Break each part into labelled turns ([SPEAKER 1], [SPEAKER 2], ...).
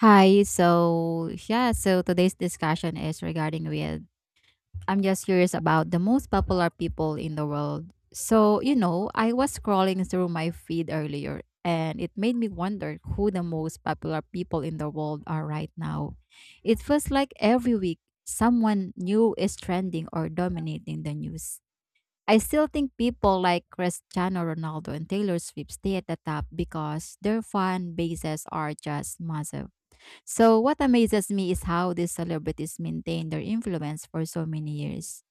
[SPEAKER 1] Hi. So today's discussion is regarding with I'm just curious about the most popular people in the world. So I was scrolling through my feed earlier and it made me wonder who the most popular people in the world are right now. It feels like every week someone new is trending or dominating the news. I still think people like Cristiano Ronaldo and Taylor Swift stay at the top because their fan bases are just massive so, what amazes me is how these celebrities maintain their influence for so many years.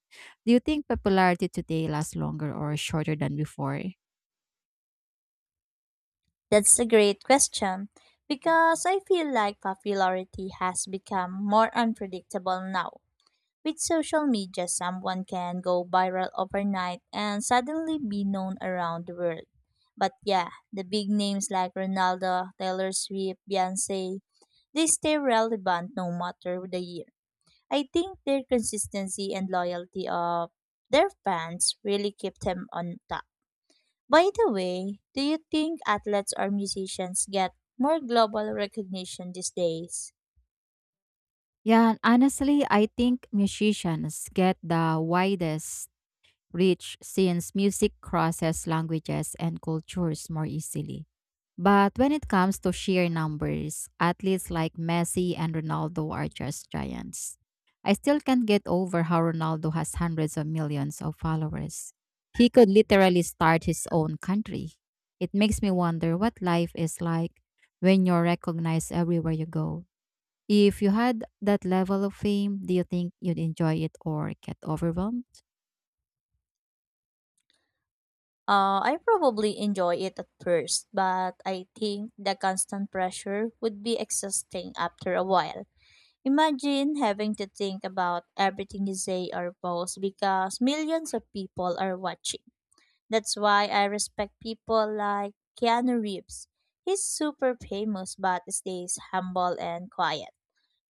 [SPEAKER 1] Do you think popularity today lasts longer or shorter than before?
[SPEAKER 2] That's a great question because I feel like popularity has become more unpredictable now. With social media, someone can go viral overnight and suddenly be known around the world. But yeah, the big names like Ronaldo, Taylor Swift, Beyonce, they stay relevant no matter the year. I think their consistency and loyalty of their fans really keep them on top. By the way, do you think athletes or musicians get more global recognition these days?
[SPEAKER 1] Yeah, honestly, I think musicians get the widest rich since music crosses languages and cultures more easily. But when it comes to sheer numbers, athletes like Messi and Ronaldo are just giants. I still can't get over how Ronaldo has hundreds of millions of followers. He could literally start his own country. It makes me wonder what life is like when you're recognized everywhere you go. If you had that level of fame, do you think you'd enjoy it or get overwhelmed?
[SPEAKER 2] I probably enjoy it at first, but I think the constant pressure would be exhausting after a while. Imagine having to think about everything you say or post because millions of people are watching. That's why I respect people like Keanu Reeves. He's super famous but stays humble and quiet.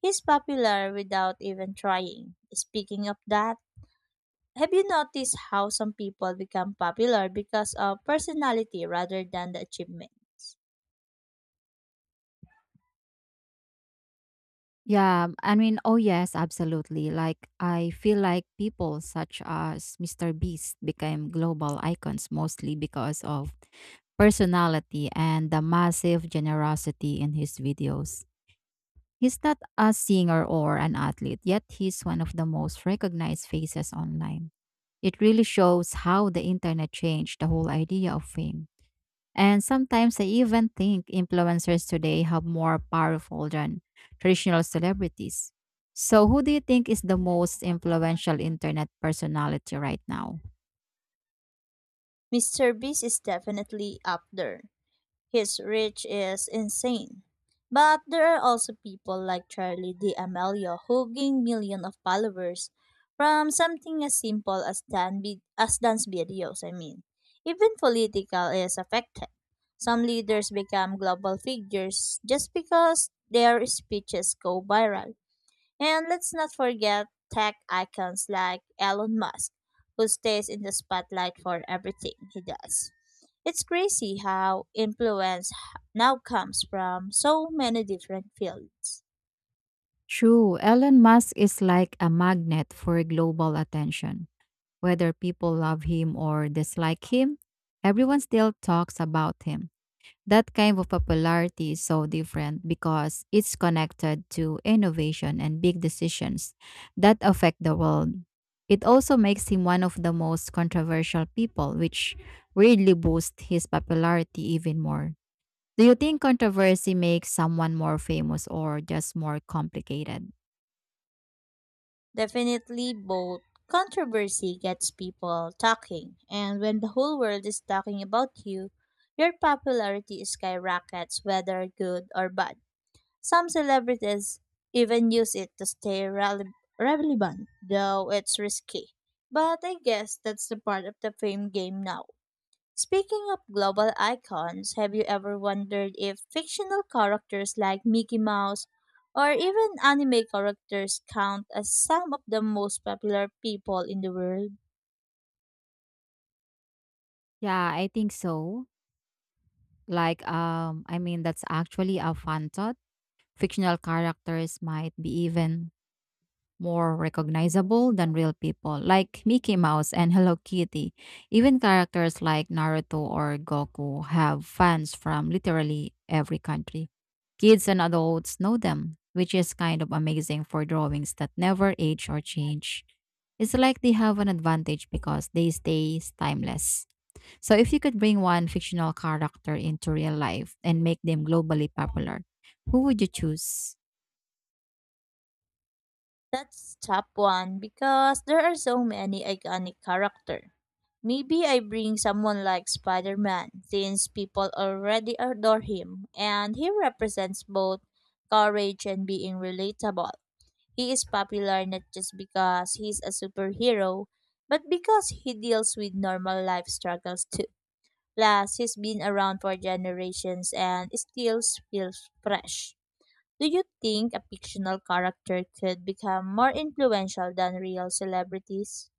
[SPEAKER 2] He's popular without even trying. Speaking of that, have you noticed how some people become popular because of personality rather than the achievements?
[SPEAKER 1] Oh yes, absolutely. I feel like people such as Mr. Beast became global icons mostly because of personality and the massive generosity in his videos. He's not a singer or an athlete, yet he's one of the most recognized faces online. It really shows how the internet changed the whole idea of fame. And sometimes I even think influencers today have more powerful than traditional celebrities. So, who do you think is the most influential internet personality right now?
[SPEAKER 2] Mr. Beast is definitely up there. His reach is insane. But there are also people like Charlie D'Amelio who gain millions of followers from something as simple as, as dance videos, I mean. Even political is affected. Some leaders become global figures just because their speeches go viral. And let's not forget tech icons like Elon Musk, who stays in the spotlight for everything he does. It's crazy how now comes from so many different fields.
[SPEAKER 1] True, Elon Musk is like a magnet for global attention. Whether people love him or dislike him, everyone still talks about him. That kind of popularity is so different because it's connected to innovation and big decisions that affect the world. It also makes him one of the most controversial people, which really boosts his popularity even more. Do you think controversy makes someone more famous or just more complicated?
[SPEAKER 2] Definitely, both controversy gets people talking, and when the whole world is talking about you, your popularity skyrockets, whether good or bad. Some celebrities even use it to relevant, though it's risky. But I guess that's the part of the fame game now. Speaking of global icons, have you ever wondered if fictional characters like Mickey Mouse or even anime characters count as some of the most popular people in the world?
[SPEAKER 1] Yeah, I think so. That's actually a fun thought. Fictional characters might be even more recognizable than real people, like Mickey Mouse and Hello Kitty. Even characters like Naruto or Goku have fans from literally every country. Kids and adults know them, which is kind of amazing for drawings that never age or change. It's like they have an advantage because they stay timeless. So, if you could bring one fictional character into real life and make them globally popular, who would you choose?
[SPEAKER 2] That's top one because there are so many iconic characters. Maybe I bring someone like Spider Man, since people already adore him, and he represents both courage and being relatable. He is popular not just because he's a superhero, but because he deals with normal life struggles too. Plus, he's been around for generations and still feels fresh. Do you think a fictional character could become more influential than real celebrities?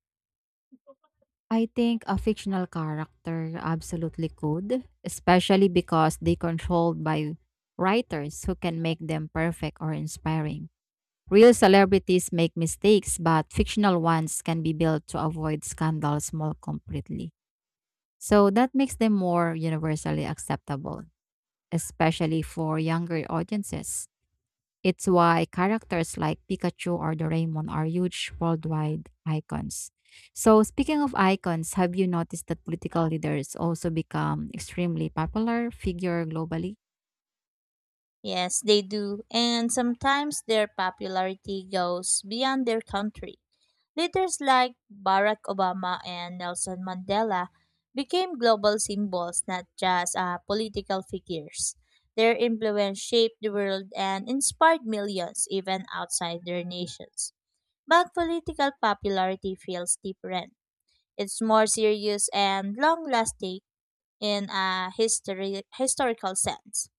[SPEAKER 1] I think a fictional character absolutely could, especially because they controlled by writers who can make them perfect or inspiring. Real celebrities make mistakes, but fictional ones can be built to avoid scandals more completely. So that makes them more universally acceptable, especially for younger audiences. It's why characters like Pikachu or Doraemon are huge worldwide icons. So, speaking of icons, have you noticed that political leaders also become extremely popular figure globally?
[SPEAKER 2] Yes, they do, and sometimes their popularity goes beyond their country. Leaders like Barack Obama and Nelson Mandela became global symbols, not just political figures. Their influence shaped the world and inspired millions, even outside their nations. But political popularity feels different. It's more serious and long lasting in a historical sense.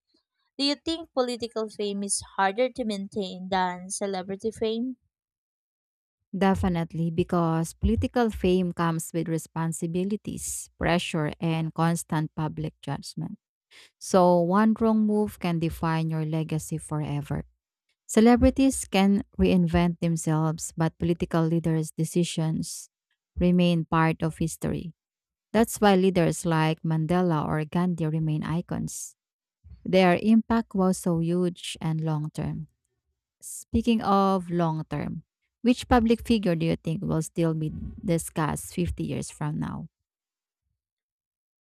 [SPEAKER 2] Do you think political fame is harder to maintain than celebrity fame?
[SPEAKER 1] Definitely, because political fame comes with responsibilities, pressure, and constant public judgment. So, one wrong move can define your legacy forever. Celebrities can reinvent themselves, but political leaders' decisions remain part of history. That's why leaders like Mandela or Gandhi remain icons. Their impact was so huge and long term. Speaking of long term, which public figure do you think will still be discussed 50 years from now?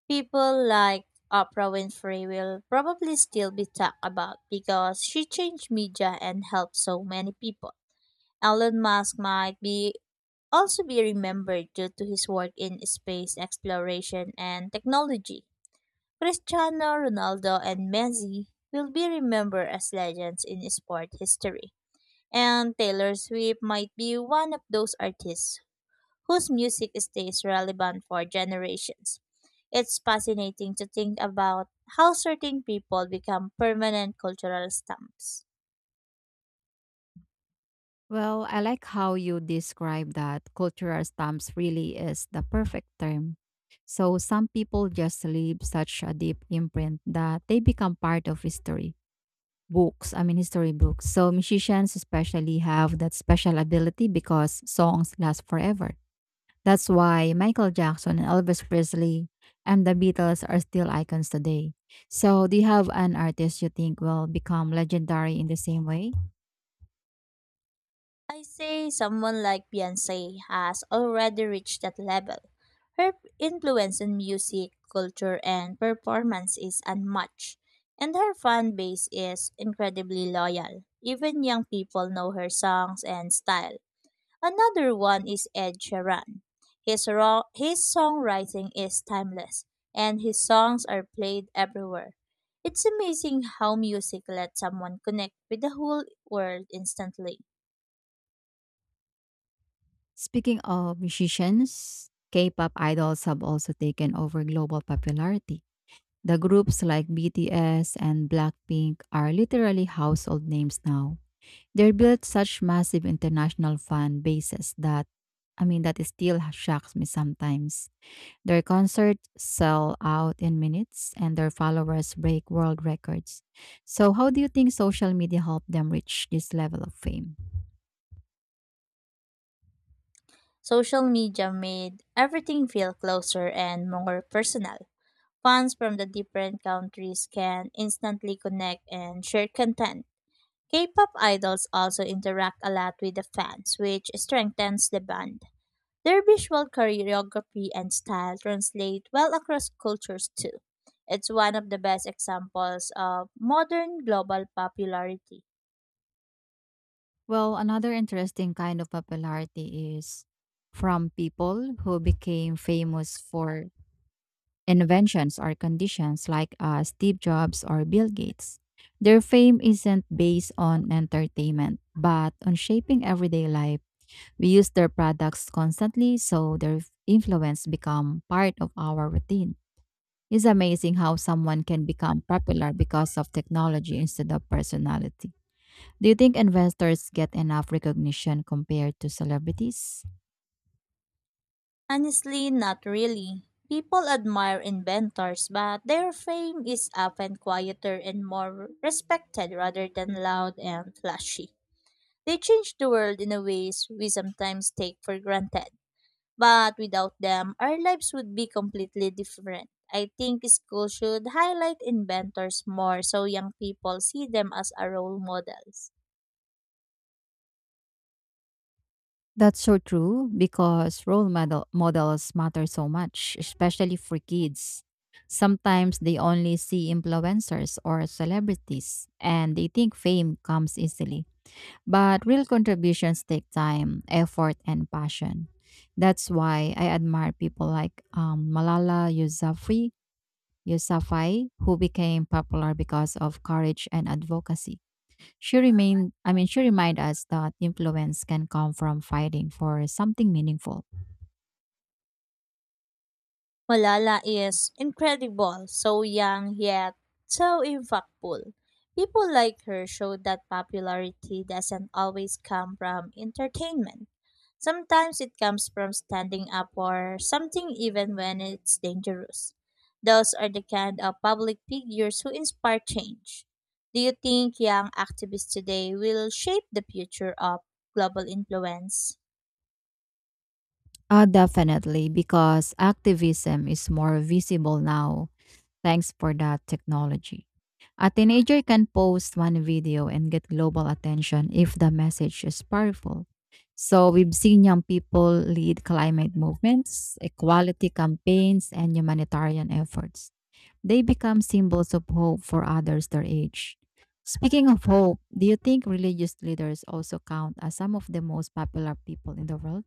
[SPEAKER 2] People like Oprah Winfrey will probably still be talked about because she changed media and helped so many people. Elon Musk might be remembered due to his work in space exploration and technology. Cristiano Ronaldo and Messi will be remembered as legends in sport history. And Taylor Swift might be one of those artists whose music stays relevant for generations. It's fascinating to think about how certain people become permanent cultural stamps.
[SPEAKER 1] Well, I like how you describe that cultural stamps really is the perfect term. So some people just leave such a deep imprint that they become part of history books, I mean history books. So musicians especially have that special ability because songs last forever. That's why Michael Jackson and Elvis Presley and the Beatles are still icons today. So do you have an artist you think will become legendary in the same way?
[SPEAKER 2] I say someone like Beyonce has already reached that level. Her influence in music, culture, and performance is unmatched, and her fan base is incredibly loyal. Even young people know her songs and style. Another one is Ed Sheeran. His songwriting is timeless, and his songs are played everywhere. It's amazing how music lets someone connect with the whole world instantly.
[SPEAKER 1] Speaking of musicians, K-pop idols have also taken over global popularity. The groups like BTS and Blackpink are literally household names now. They built such massive international fan bases that that still shocks me sometimes. Their concerts sell out in minutes and their followers break world records. So, how do you think social media helped them reach this level of fame?
[SPEAKER 2] Social media made everything feel closer and more personal. Fans from the different countries can instantly connect and share content. K pop idols also interact a lot with the fans, which strengthens the band. Their visual choreography and style translate well across cultures too. It's one of the best examples of modern global popularity.
[SPEAKER 1] Well, another interesting kind of popularity is from people who became famous for inventions or conditions like Steve Jobs or Bill Gates. Their fame isn't based on entertainment, but on shaping everyday life. We use their products constantly, so their influence become part of our routine. It's amazing how someone can become popular because of technology instead of personality. Do you think investors get enough recognition compared to celebrities?
[SPEAKER 2] Honestly, not really. People admire inventors, but their fame is often quieter and more respected rather than loud and flashy. They change the world in a ways we sometimes take for granted. But without them, our lives would be completely different. I think school should highlight inventors more so young people see them as a role models.
[SPEAKER 1] That's so true because role model models matter so much, especially for kids. Sometimes they only see influencers or celebrities and they think fame comes easily. But real contributions take time, effort, and passion. That's why I admire people like Malala Yousafzai, who became popular because of courage and advocacy. She remained, I mean, She reminded us that influence can come from fighting for something meaningful.
[SPEAKER 2] Malala is incredible, so young yet so impactful. People like her show that popularity doesn't always come from entertainment. Sometimes it comes from standing up for something even when it's dangerous. Those are the kind of public figures who inspire change. Do you think young activists today will shape the future of global influence?
[SPEAKER 1] Definitely, because activism is more visible now thanks for that technology. A teenager can post one video and get global attention if the message is powerful. So we've seen young people lead climate movements, equality campaigns, and humanitarian efforts. They become symbols of hope for others their age. Speaking of hope, do you think religious leaders also count as some of the most popular people in the world?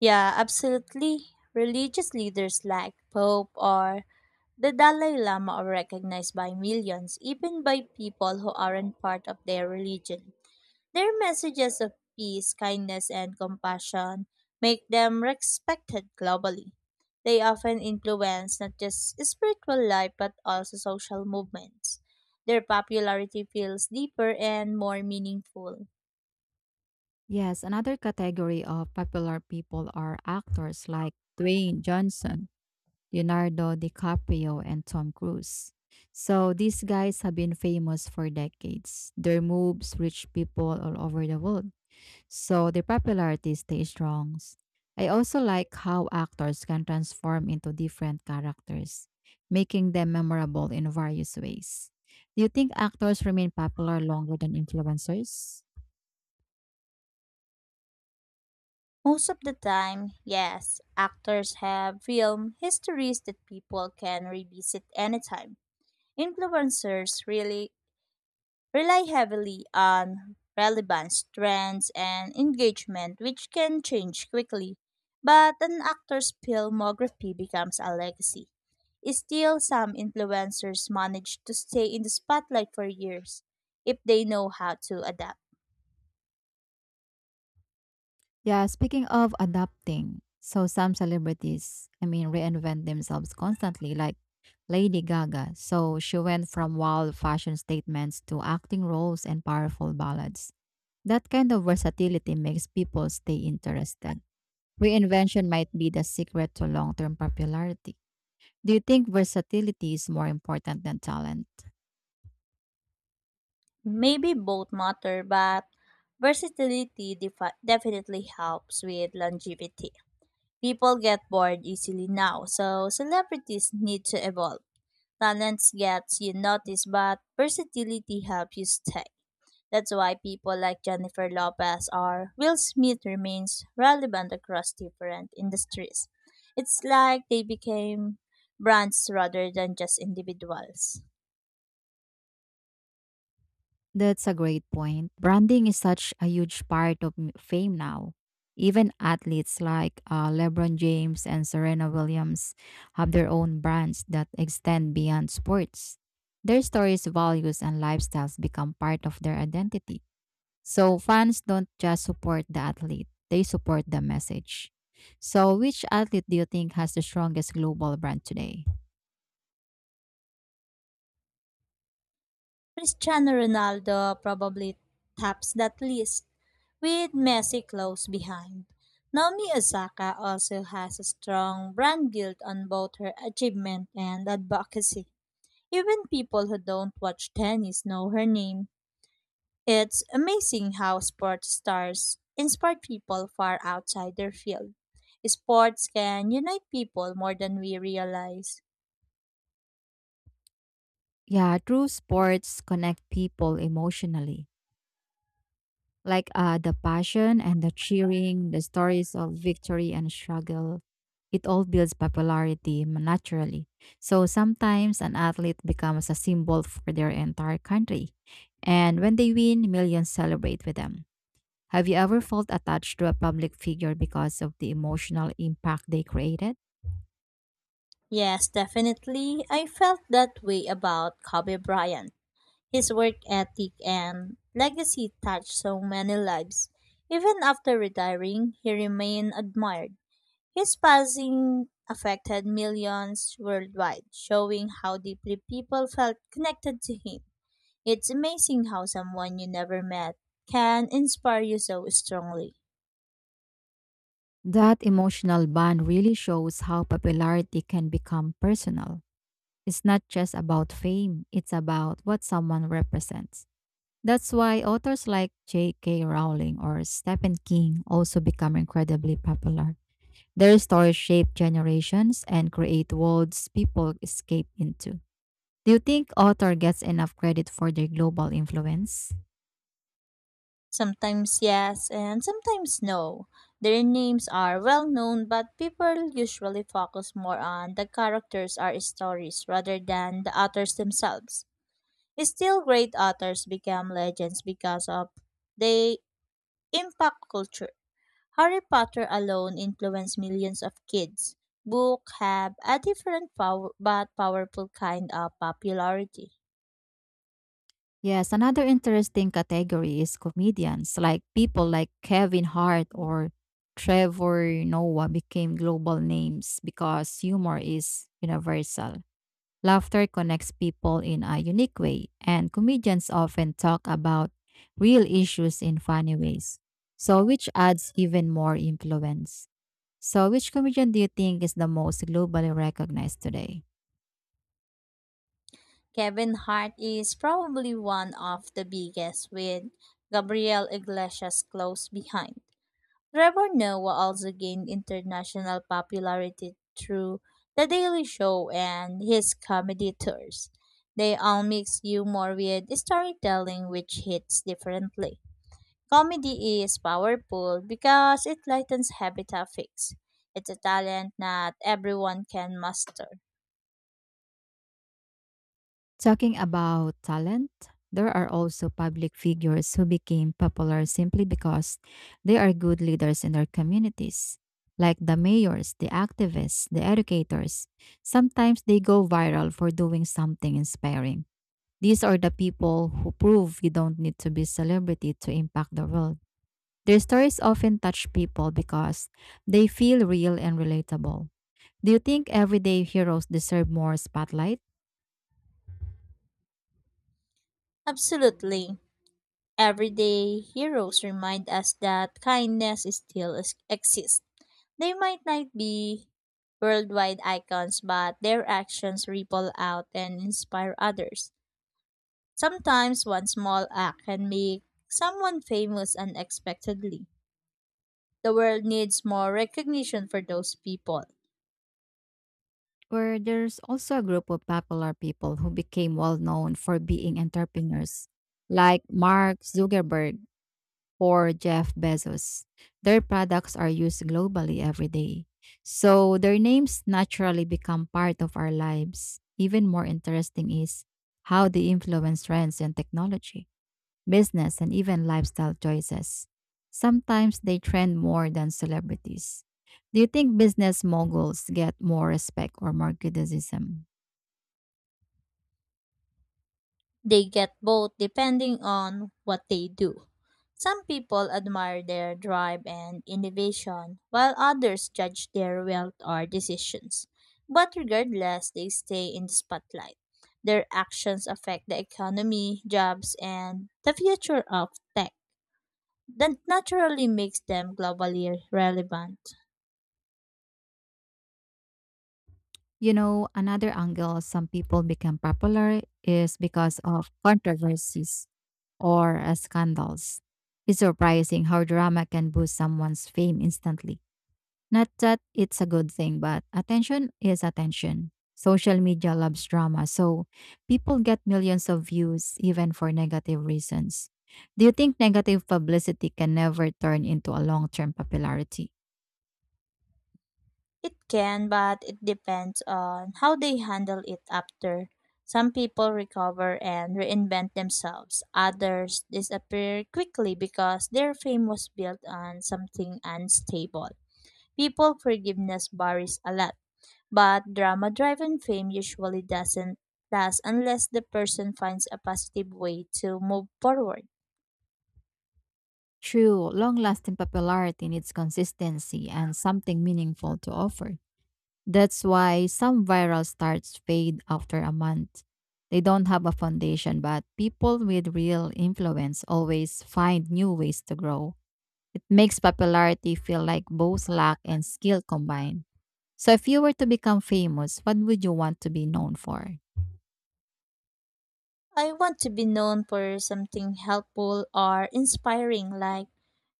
[SPEAKER 2] Yeah, absolutely. Religious leaders like Pope or The Dalai Lama are recognized by millions, even by people who aren't part of their religion. Their messages of peace, kindness, and compassion make them respected globally. They often influence not just spiritual life but also social movements. Their popularity feels deeper and more meaningful.
[SPEAKER 1] Yes, another category of popular people are actors like Dwayne Johnson Leonardo DiCaprio and Tom Cruise. So these guys have been famous for decades. Their moves reach people all over the world. So their popularity stays strong. I also like how actors can transform into different characters, making them memorable in various ways. Do you think actors remain popular longer than influencers?
[SPEAKER 2] Most of the time, yes, actors have film histories that people can revisit anytime. Influencers really rely heavily on relevance, trends, and engagement, which can change quickly. But an actor's filmography becomes a legacy. Still, some influencers manage to stay in the spotlight for years if they know how to adapt.
[SPEAKER 1] Yeah, speaking of adapting, so some celebrities reinvent themselves constantly, like Lady Gaga. So she went from wild fashion statements to acting roles and powerful ballads. That kind of versatility makes people stay interested. Reinvention might be the secret to long term popularity. Do you think versatility is more important than talent?
[SPEAKER 2] Maybe both matter, but definitely helps with longevity. People get bored easily now, so celebrities need to evolve. Talents gets you noticed, but versatility helps you stay. That's why people like Jennifer Lopez or Will Smith remains relevant across different industries. It's like they became brands rather than just individuals.
[SPEAKER 1] That's a great point. Branding is such a huge part of fame now. Even athletes like LeBron James and Serena Williams have their own brands that extend beyond sports. Their stories, values, and lifestyles become part of their identity. So fans don't just support the athlete, they support the message. So, which athlete do you think has the strongest global brand today?
[SPEAKER 2] Cristiano Ronaldo probably tops that list, with Messi close behind. Naomi Osaka also has a strong brand guilt on both her achievement and advocacy. Even people who don't watch tennis know her name. It's amazing how sports stars inspire people far outside their field. Sports can unite people more than we realize.
[SPEAKER 1] Yeah, true sports connect people emotionally like the passion and the cheering, the stories of victory and struggle. It all builds popularity naturally. So sometimes an athlete becomes a symbol for their entire country. And when they win, millions celebrate with them. Have you ever felt attached to a public figure because of the emotional impact they created?
[SPEAKER 2] Yes, definitely. I felt that way about Kobe Bryant. His work ethic and legacy touched so many lives. Even after retiring, he remained admired. His passing affected millions worldwide, showing how deeply people felt connected to him. It's amazing how someone you never met can inspire you so strongly.
[SPEAKER 1] That emotional bond really shows how popularity can become personal. It's not just about fame, it's about what someone represents. That's why authors like J.K. Rowling or Stephen King also become incredibly popular. Their stories shape generations and create worlds people escape into. Do you think author gets enough credit for their global influence?
[SPEAKER 2] Sometimes yes, and sometimes no. Their names are well known, but people usually focus more on the characters or stories rather than the authors themselves. Still, great authors become legends because of they impact culture. Harry Potter alone influenced millions of kids. Books have a different but powerful kind of popularity.
[SPEAKER 1] Yes, another interesting category is comedians. People like Kevin Hart or Trevor Noah became global names because humor is universal. Laughter connects people in a unique way, and comedians often talk about real issues in funny ways. So, which adds even more influence. So, which comedian do you think is the most globally recognized today?
[SPEAKER 2] Kevin Hart is probably one of the biggest, with Gabriel Iglesias close behind. Trevor Noah also gained international popularity through The Daily Show and his comedy tours. They all mix humor with storytelling, which hits differently. Comedy is powerful because it lightens heavy topics. It's a talent not everyone can master.
[SPEAKER 1] Talking about talent, there are also public figures who became popular simply because they are good leaders in their communities, like the mayors, the activists, the educators. Sometimes they go viral for doing something inspiring. These are the people who prove you don't need to be a celebrity to impact the world. Their stories often touch people because they feel real and relatable. Do you think everyday heroes deserve more spotlight?
[SPEAKER 2] Absolutely. Everyday heroes remind us that exists. They might not be worldwide icons, but their actions ripple out and inspire others. Sometimes one small act can make someone famous unexpectedly. The world needs more recognition for those people.
[SPEAKER 1] Or there's also a group of popular people who became well known for being entrepreneurs, like Mark Zuckerberg or Jeff Bezos. Their products are used globally every day. So their names naturally become part of our lives. Even more interesting is how they influence trends in technology, business, and even lifestyle choices. Sometimes they trend more than celebrities. Do you think business moguls get more respect or more criticism?
[SPEAKER 2] They get both depending on what they do. Some people admire their drive and innovation, while others judge their wealth or decisions. But regardless, they stay in the spotlight. Their actions affect the economy, jobs, and the future of tech. That naturally makes them globally relevant.
[SPEAKER 1] You know, another angle some people become popular is because of controversies or scandals. It's surprising how drama can boost someone's fame instantly. Not that it's a good thing, but attention is attention. Social media loves drama, so people get millions of views even for negative reasons. Do you think negative publicity can never turn into a long term popularity?
[SPEAKER 2] It can, but it depends on how they handle it after. Some people recover and reinvent themselves. Others disappear quickly because their fame was built on something unstable. People forgiveness varies a lot, but drama driven fame usually doesn't last unless the person finds a positive way to move forward.
[SPEAKER 1] True, long lasting popularity needs consistency and something meaningful to offer. That's why some viral starts fade after a month. They don't have a foundation, but people with real influence always find new ways to grow. It makes popularity feel like both luck and skill combined. So, if you were to become famous, what would you want to be known for?
[SPEAKER 2] I want to be known for something helpful or inspiring, like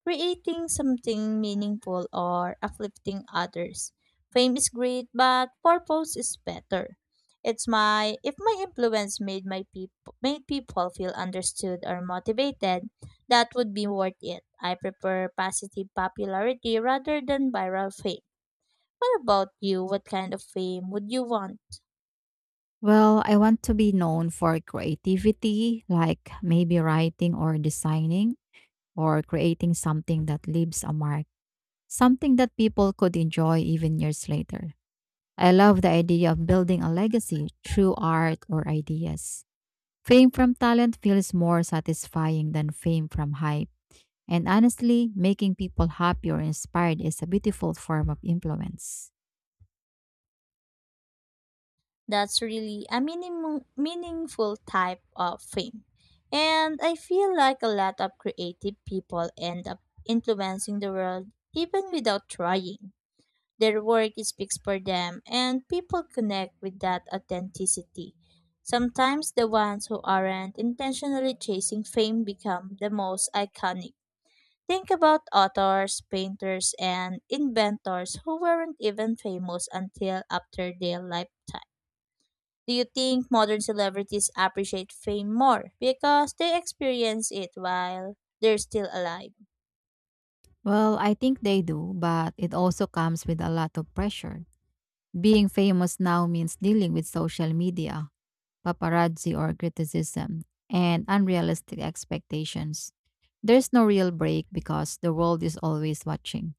[SPEAKER 2] creating something meaningful or uplifting others. Fame is great, but purpose is better. It's my if my influence made my people made people feel understood or motivated, that would be worth it. I prefer positive popularity rather than viral fame. What about you? What kind of fame would you want?
[SPEAKER 1] Well, I want to be known for creativity, like maybe writing or designing or creating something that leaves a mark, something that people could enjoy even years later. I love the idea of building a legacy through art or ideas. Fame from talent feels more satisfying than fame from hype. And honestly, making people happy or inspired is a beautiful form of influence.
[SPEAKER 2] That's really a meaningful type of fame. And I feel like a lot of creative people end up influencing the world even without trying. Their work speaks for them, and people connect with that authenticity. Sometimes the ones who aren't intentionally chasing fame become the most iconic. Think about authors, painters, and inventors who weren't even famous until after their lifetime. Do you think modern celebrities appreciate fame more because they experience it while they're still alive?
[SPEAKER 1] Well, I think they do, but it also comes with a lot of pressure. Being famous now means dealing with social media, paparazzi or criticism, and unrealistic expectations. There's no real break because the world is always watching.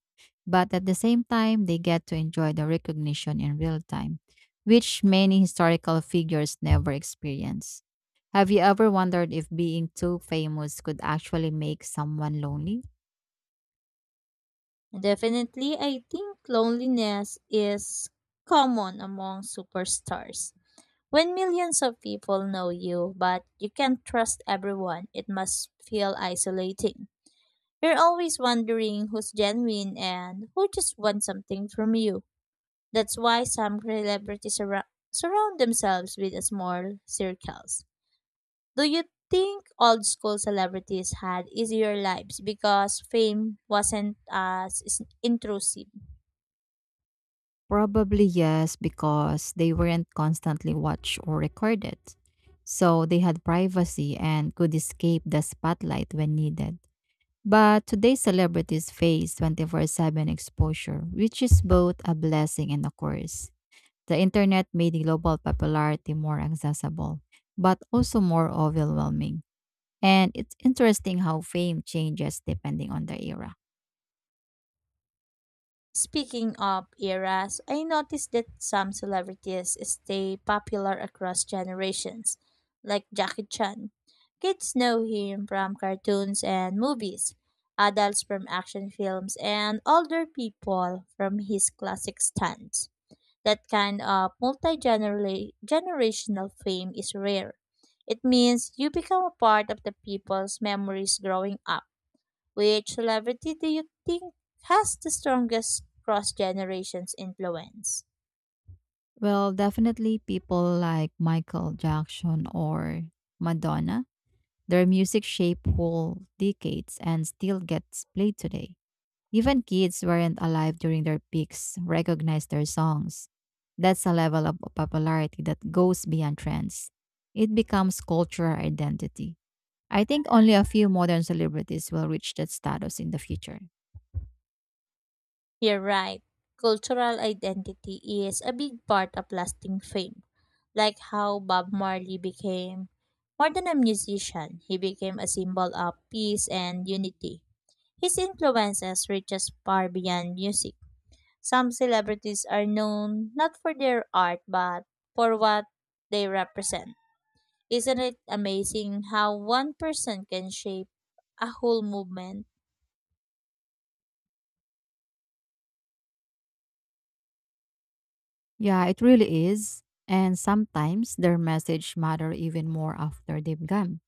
[SPEAKER 1] But at the same time, they get to enjoy the recognition in real time, which many historical figures never experience. Have you ever wondered if being too famous could actually make someone lonely?
[SPEAKER 2] Definitely, I think loneliness is common among superstars. When millions of people know you, but you can't trust everyone, it must feel isolating. You're always wondering who's genuine and who just wants something from you. That's why some celebrities surround themselves with small circles. Do you think old school celebrities had easier lives because fame wasn't as intrusive?
[SPEAKER 1] Probably yes, because they weren't constantly watched or recorded. So they had privacy and could escape the spotlight when needed. But today's celebrities face 24/7 exposure, which is both a blessing and a curse. The internet made global popularity more accessible, but also more overwhelming. And it's interesting how fame changes depending on the era.
[SPEAKER 2] Speaking of eras, I noticed that some celebrities stay popular across generations, like Jackie Chan. Kids know him from cartoons and movies, adults from action films, and older people from his classic stunts. That kind of multi generational fame is rare. It means you become a part of the people's memories growing up. Which celebrity do you think has the strongest cross generations influence?
[SPEAKER 1] Well, definitely people like Michael Jackson or Madonna. Their music shaped whole decades and still gets played today. Even kids who weren't alive during their peaks recognized their songs. That's a level of popularity that goes beyond trends. It becomes cultural identity. I think only a few modern celebrities will reach that status in the future.
[SPEAKER 2] You're right. Cultural identity is a big part of lasting fame, like how Bob Marley became more than a musician, he became a symbol of peace and unity. His influences reaches far beyond music. Some celebrities are known not for their art but for what they represent. Isn't it amazing how one person can shape a whole movement?
[SPEAKER 1] Yeah, it really is. And sometimes their message matter even more after they've gone.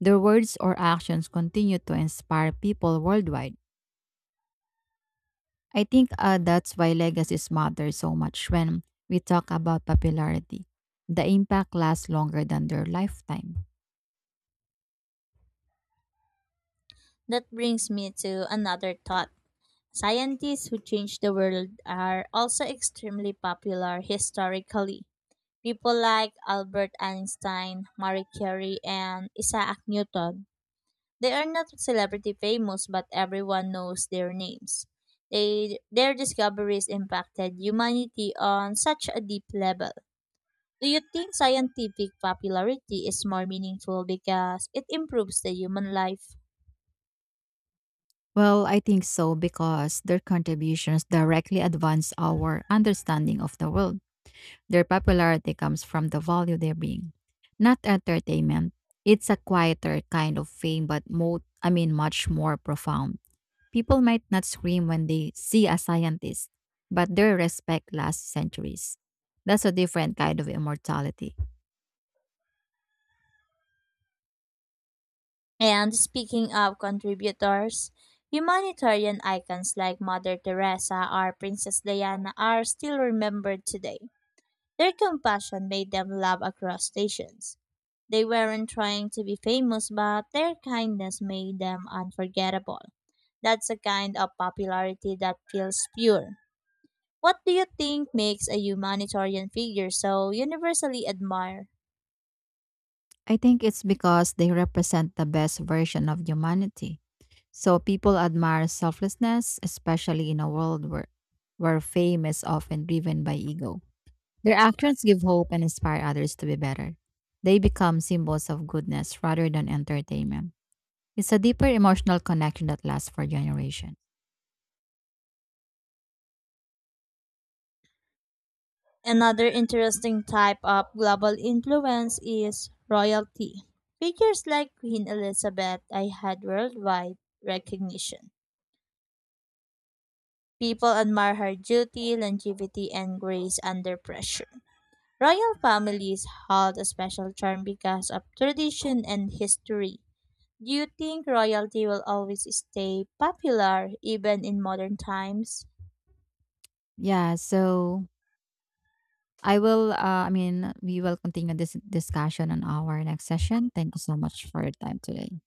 [SPEAKER 1] Their words or actions continue to inspire people worldwide. I think that's why legacies matter so much when we talk about popularity. The impact lasts longer than their lifetime.
[SPEAKER 2] That brings me to another thought. Scientists who changed the world are also extremely popular historically. People like Albert Einstein, Marie Curie, and Isaac Newton. They are not celebrity famous, but everyone knows their names. They, their discoveries impacted humanity on such a deep level. Do you think scientific popularity is more meaningful because it improves the human life?
[SPEAKER 1] Well, I think so because their contributions directly advance our understanding of the world. Their popularity comes from the value they bring, not entertainment. It's a quieter kind of fame, but much more profound. People might not scream when they see a scientist, but their respect lasts centuries. That's a different kind of immortality.
[SPEAKER 2] And speaking of contributors, humanitarian icons like Mother Teresa or Princess Diana are still remembered today. Their compassion made them love across nations. They weren't trying to be famous, but their kindness made them unforgettable. That's a kind of popularity that feels pure. What do you think makes a humanitarian figure so universally admired?
[SPEAKER 1] I think it's because they represent the best version of humanity. So people admire selflessness, especially in a world where fame is often driven by ego. Their actions give hope and inspire others to be better. They become symbols of goodness rather than entertainment. It's a deeper emotional connection that lasts for generations.
[SPEAKER 2] Another interesting type of global influence is royalty. Figures like Queen Elizabeth I had worldwide recognition. People admire her duty, longevity, and grace under pressure. Royal families hold a special charm because of tradition and history. Do you think royalty will always stay popular even in modern times?
[SPEAKER 1] Yeah, so I will, I mean, we will continue this discussion on our next session. Thank you so much for your time today.